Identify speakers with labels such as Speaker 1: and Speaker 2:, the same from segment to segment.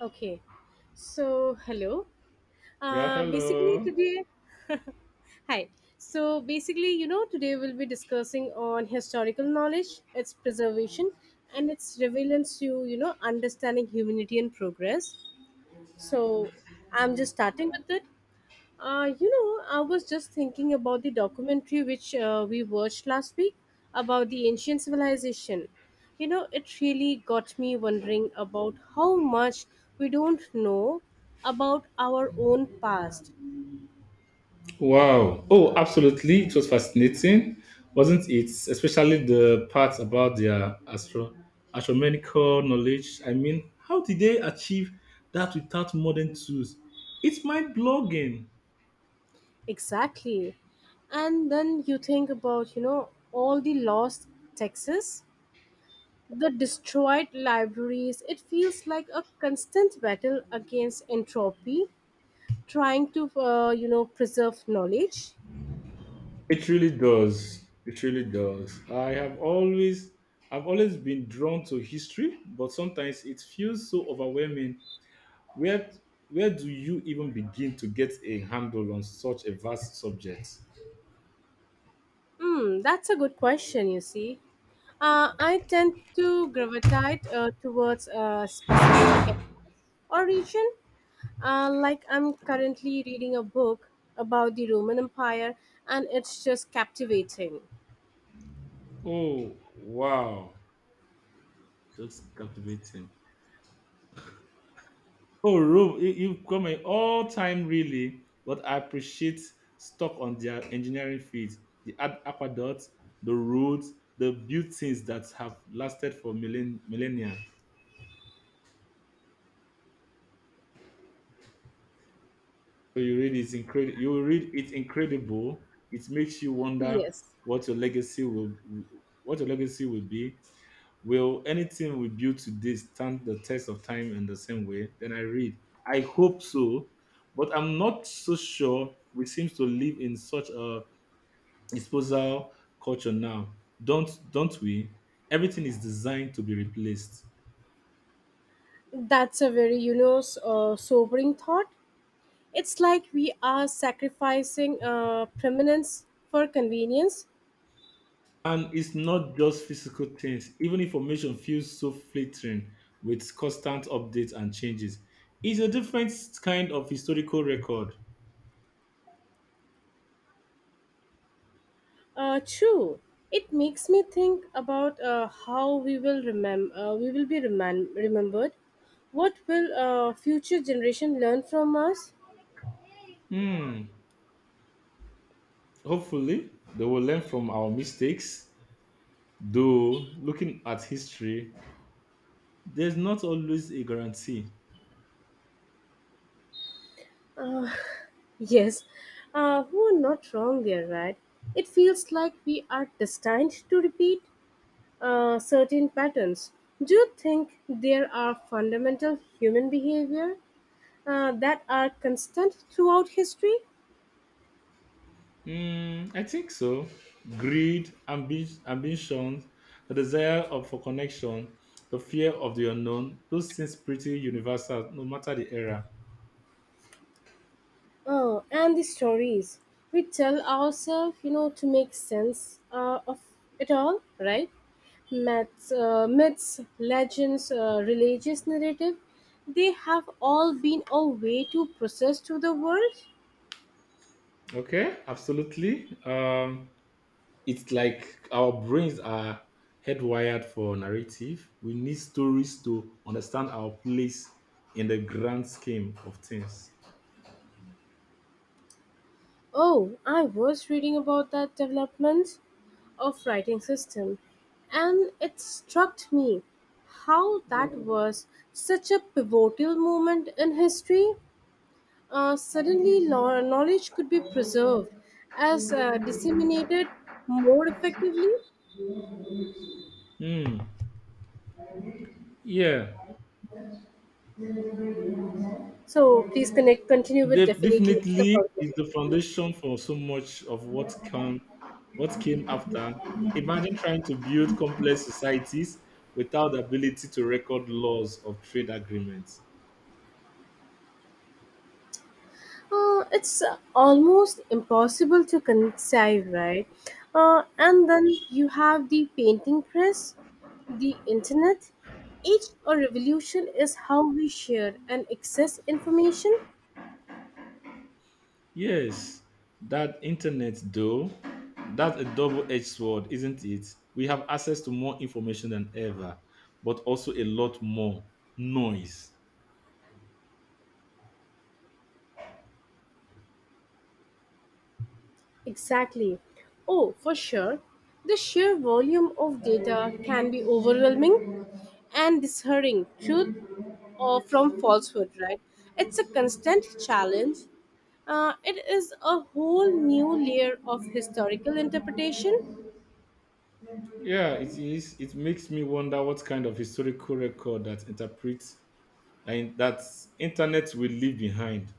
Speaker 1: Okay, so hello.
Speaker 2: Yeah,
Speaker 1: Uh, basically
Speaker 2: hello.
Speaker 1: today, hi. So basically, today we'll be discussing on historical knowledge, its preservation, and its relevance to understanding humanity and progress. So I'm just starting with it. I was just thinking about the documentary which we watched last week about the ancient civilization. You know, it really got me wondering about how much we don't know about our own past.
Speaker 2: Wow. Oh, absolutely. It was fascinating, wasn't it? Especially the part about their astronomical knowledge. I mean, how did they achieve that without modern tools? It's mind blogging.
Speaker 1: Exactly. And then you think about, all the lost texts, the destroyed libraries. It feels like a constant battle against entropy, trying to, preserve knowledge.
Speaker 2: It really does. It really does. I've always been drawn to history, but sometimes it feels so overwhelming. Where where do you even begin to get a handle on such a vast subject?
Speaker 1: That's a good question, you see. I tend to gravitate towards a specific era or region. Like I'm currently reading a book about the Roman Empire, and it's just captivating.
Speaker 2: Oh, wow. Just captivating. Oh, Rome, you've come in all time, really. But I appreciate stuck on their engineering feats, the aqueducts, the roads, the built things that have lasted for millennia. So you read it's incredible. You read it's incredible. It makes you wonder
Speaker 1: Yes,
Speaker 2: what your legacy will, what your legacy will be. Will anything we build today stand the test of time in the same way? Then I read, I hope so, but I'm not so sure. We seem to live in such a disposal culture now, don't we? Everything is designed to be replaced,
Speaker 1: that's a very, sobering thought. It's like we are sacrificing permanence for convenience.
Speaker 2: and it's not just physical things. Even information feels so fleeting with constant updates and changes. It's a different kind of historical record.
Speaker 1: True. It makes me think about how we will remember. We will be remembered. What will future generation learn from us?
Speaker 2: Hmm. Hopefully, they will learn from our mistakes. Though, looking at history, there's not always a guarantee.
Speaker 1: Yes, who are not wrong there, right? It feels like we are destined to repeat certain patterns. Do you think there are fundamental human behavior that are constant throughout history?
Speaker 2: Mm, I think so. Greed, ambition, the desire of, for connection, the fear of the unknown, those things pretty universal no matter the era.
Speaker 1: Oh, and the stories we tell ourselves, to make sense of it all, right? Myths, legends, religious narrative, they have all been a way to process to the world.
Speaker 2: Okay, absolutely. It's like our brains are hardwired for narrative. We need stories to understand our place in the grand scheme of things.
Speaker 1: Oh, I was reading about that development of writing system, and it struck me how that was such a pivotal moment in history. Suddenly, knowledge could be preserved as disseminated more effectively.
Speaker 2: Hmm. Yeah.
Speaker 1: So, please continue with definitely it's the
Speaker 2: Definitely is
Speaker 1: foundation.
Speaker 2: the foundation for so much of what came after. Imagine trying to build complex societies without the ability to record laws of trade agreements.
Speaker 1: It's almost impossible to conceive, right? And then you have the painting press, the internet. Each a revolution is how we share and access information.
Speaker 2: Yes, that internet though, that's a double-edged sword, isn't it? We have access to more information than ever, but also a lot more noise.
Speaker 1: Exactly. Oh, for sure. The sheer volume of data can be overwhelming and discerning truth or from falsehood, right? It's a constant challenge. It is a whole new layer of historical interpretation.
Speaker 2: Yeah, it is. It makes me wonder what kind of historical record that interprets and that internet will leave behind.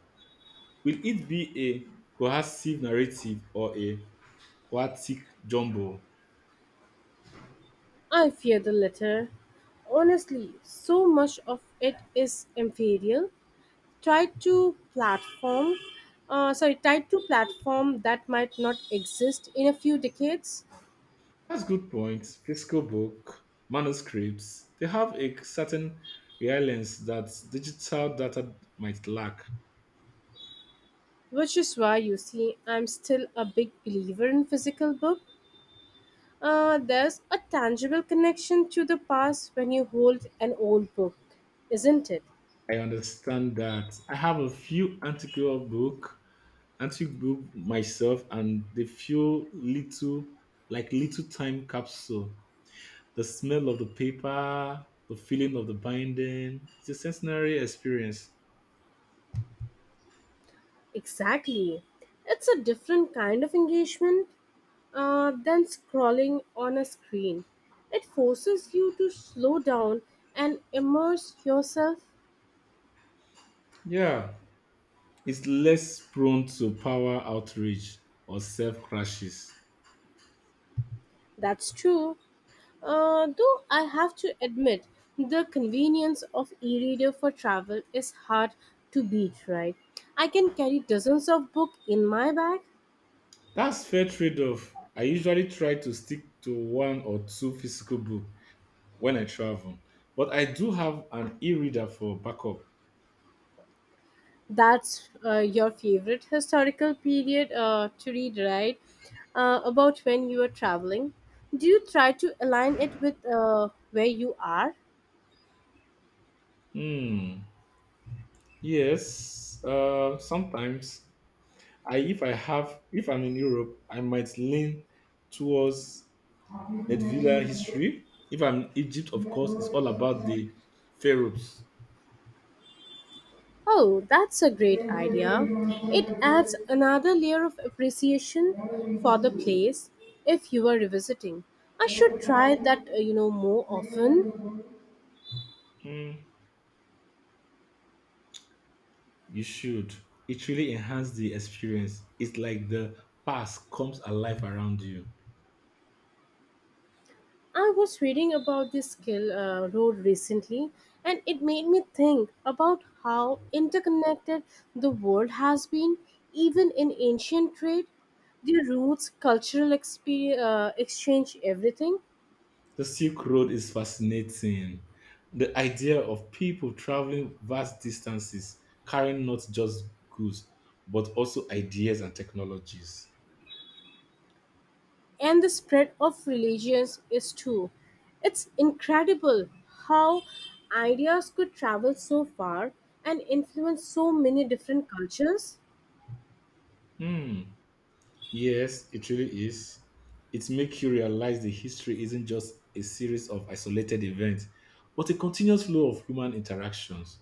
Speaker 2: Will it be a cohesive narrative or a chaotic jumble?
Speaker 1: I fear the latter. Honestly, so much of it is inferior, tied to tied to platform that might not exist in a few decades.
Speaker 2: That's good point. Physical book manuscripts, they have a certain reliance that digital data might lack.
Speaker 1: Which is why you see I'm still a big believer in physical book. There's a tangible connection to the past when you hold an old book, isn't it?
Speaker 2: I understand that. I have a few antiqual book antique book myself, and they feel little time capsule. The smell of the paper, the feeling of the binding. It's a sensory experience.
Speaker 1: Exactly, it's a different kind of engagement than scrolling on a screen. It forces you to slow down and immerse yourself.
Speaker 2: Yeah. It's less prone to power outrage or self crashes.
Speaker 1: That's true. Though I have to admit, the convenience of e-reader for travel is hard to beat, right? I can carry dozens of books in my bag.
Speaker 2: That's fair trade off. I usually try to stick to one or two physical book when I travel, but I do have an e reader for backup.
Speaker 1: That's your favorite historical period to read, right? About when you are traveling. Do you try to align it with where you are?
Speaker 2: Hmm. Yes. Sometimes I if I have if I'm in Europe, I might lean towards Nedvilla history. If I'm Egypt, of course, it's all about the pharaohs.
Speaker 1: Oh, that's a great idea. It adds another layer of appreciation for the place if you are revisiting. I should try that, more often.
Speaker 2: Mm, you should. It really enhanced the experience. It's like the past comes alive around you.
Speaker 1: I was reading about this skill road recently, and it made me think about how interconnected the world has been even in ancient trade. The roots, cultural exchange, everything.
Speaker 2: The Silk Road is fascinating. The idea of people traveling vast distances, carrying not just goods, but also ideas and technologies.
Speaker 1: And the spread of religions is too. It's incredible how ideas could travel so far and influence so many different cultures.
Speaker 2: Hmm. Yes, it really is. It makes you realize the history isn't just a series of isolated events, but a continuous flow of human interactions.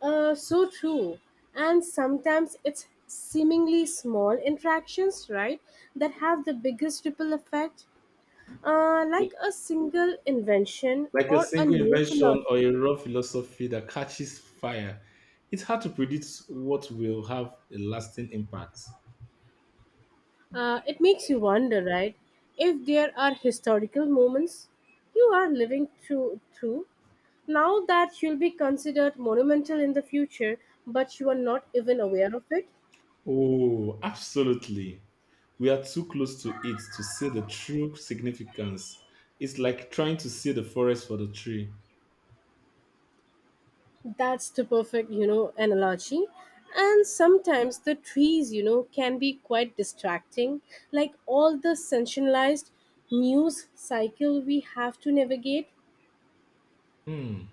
Speaker 1: So true. And sometimes it's seemingly small interactions, right, that have the biggest ripple effect, like a single invention
Speaker 2: Like a
Speaker 1: or a
Speaker 2: single
Speaker 1: new philosophy.
Speaker 2: invention or a raw philosophy that catches fire, it's hard to predict what will have a lasting impact.
Speaker 1: It makes you wonder, right, if there are historical moments you are living through now, that you'll be considered monumental in the future, but you are not even aware of it.
Speaker 2: Oh, absolutely. We are too close to it to see the true significance. It's like trying to see the forest for the tree.
Speaker 1: That's the perfect, you know, analogy. And sometimes the trees, you know, can be quite distracting, like all the sensationalized news cycle we have to navigate.
Speaker 2: Hmm.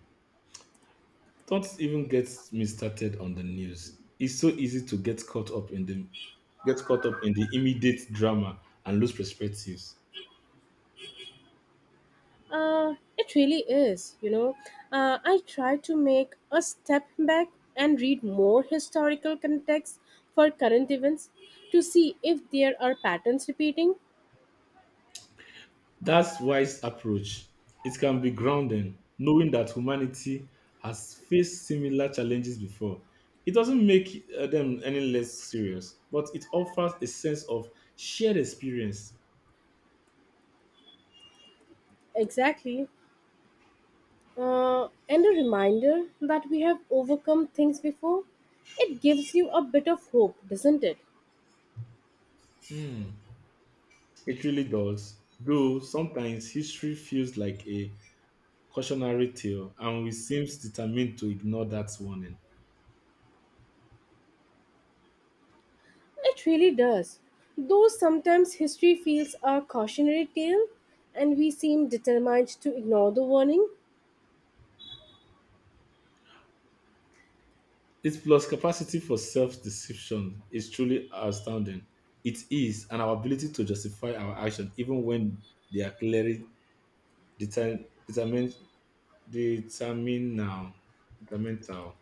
Speaker 2: Don't even get me started on the news. It's so easy to get caught up in the immediate drama and lose perspectives.
Speaker 1: It really is, you know. I try to make a step back and read more historical context for current events to see if there are patterns repeating.
Speaker 2: That's wise approach. It can be grounding, knowing that humanity has faced similar challenges before. It doesn't make them any less serious, but it offers a sense of shared experience.
Speaker 1: Exactly. And a reminder that we have overcome things before. It gives you a bit of hope, doesn't it?
Speaker 2: Hmm, it really does. Though sometimes history feels like a cautionary tale, and we seem determined to ignore that warning.
Speaker 1: It really does. Though sometimes history feels a cautionary tale, and we seem determined to ignore the warning.
Speaker 2: Its plus capacity for self-deception is truly astounding. It is, and our ability to justify our actions even when they are clearly deter- determined, determinal, determinal.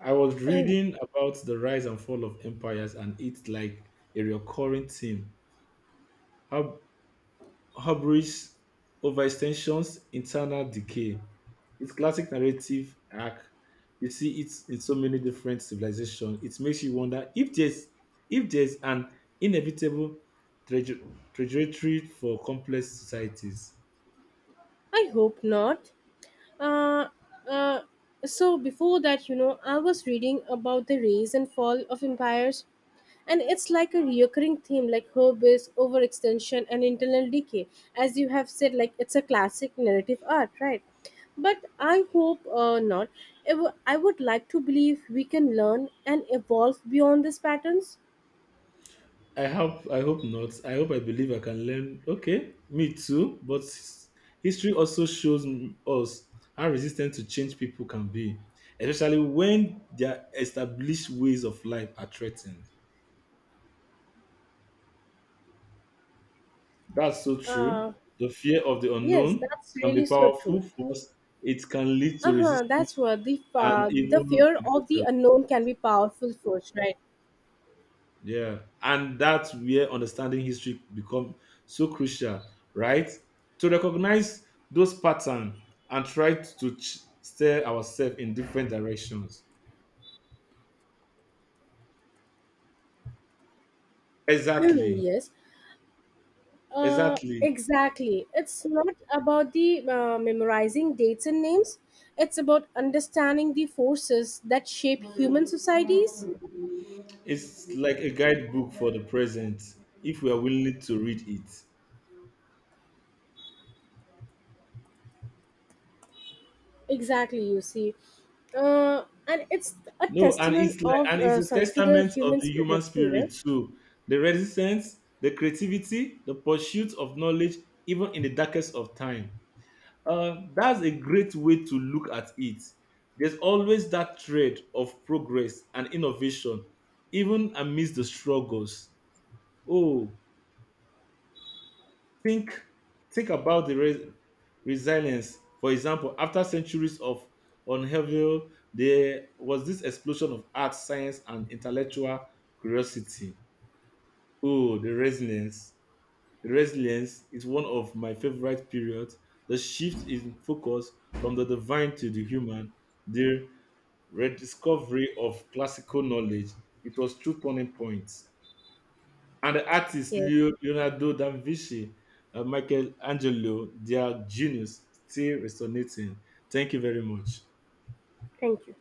Speaker 2: I was reading about the rise and fall of empires, and it's like a recurring theme. How hubris, overextensions, internal decay. It's classic narrative arc. We see it in so many different civilizations. It makes you wonder if there's an inevitable traje- trajectory for complex societies.
Speaker 1: I hope not. Uh, uh, so, before that, you know, I was reading about the rise and fall of empires, and it's like a recurring theme, like hubris, overextension, and internal decay. As you have said, like it's a classic narrative art, right? But I hope not. I would like to believe we can learn and evolve beyond these patterns.
Speaker 2: I hope not. I believe I can learn. Okay, me too. But history also shows us how resistant to change people can be, especially when their established ways of life are threatened. That's so true.
Speaker 1: uh,
Speaker 2: The fear of the
Speaker 1: yes,
Speaker 2: unknown
Speaker 1: that's
Speaker 2: can be
Speaker 1: really so
Speaker 2: powerful
Speaker 1: true.
Speaker 2: force. It can lead to
Speaker 1: Uh-huh, that's
Speaker 2: resistance
Speaker 1: what
Speaker 2: and
Speaker 1: the
Speaker 2: even
Speaker 1: fear of the
Speaker 2: aggression.
Speaker 1: unknown can be powerful force, right?
Speaker 2: Yeah, and that's where understanding history become so crucial, right? To recognize those patterns and try to steer ourselves in different directions. Exactly,
Speaker 1: Yes. Uh,
Speaker 2: exactly.
Speaker 1: exactly. It's not about the memorizing dates and names. It's about understanding the forces that shape human societies.
Speaker 2: It's like a guidebook for the present if we are willing to read it.
Speaker 1: Exactly, you see. And it's a
Speaker 2: No, and
Speaker 1: testament
Speaker 2: it's like and it's a
Speaker 1: to the
Speaker 2: testament of
Speaker 1: human
Speaker 2: the human
Speaker 1: spirit too, right?
Speaker 2: spirit too. The resistance, the creativity, the pursuit of knowledge, even in the darkest of time. That's a great way to look at it. There's always that thread of progress and innovation, even amidst the struggles. Oh, Think think about the resilience. For example, after centuries of upheaval, there was this explosion of art, science, and intellectual curiosity. Oh, the resilience. The resilience is one of my favorite periods. The shift in focus from the divine to the human, the rediscovery of classical knowledge. It was true turning point and the artists
Speaker 1: Yes.
Speaker 2: Leonardo da Vinci, Michelangelo, their genius still resonating. Thank you very much.
Speaker 1: Thank you.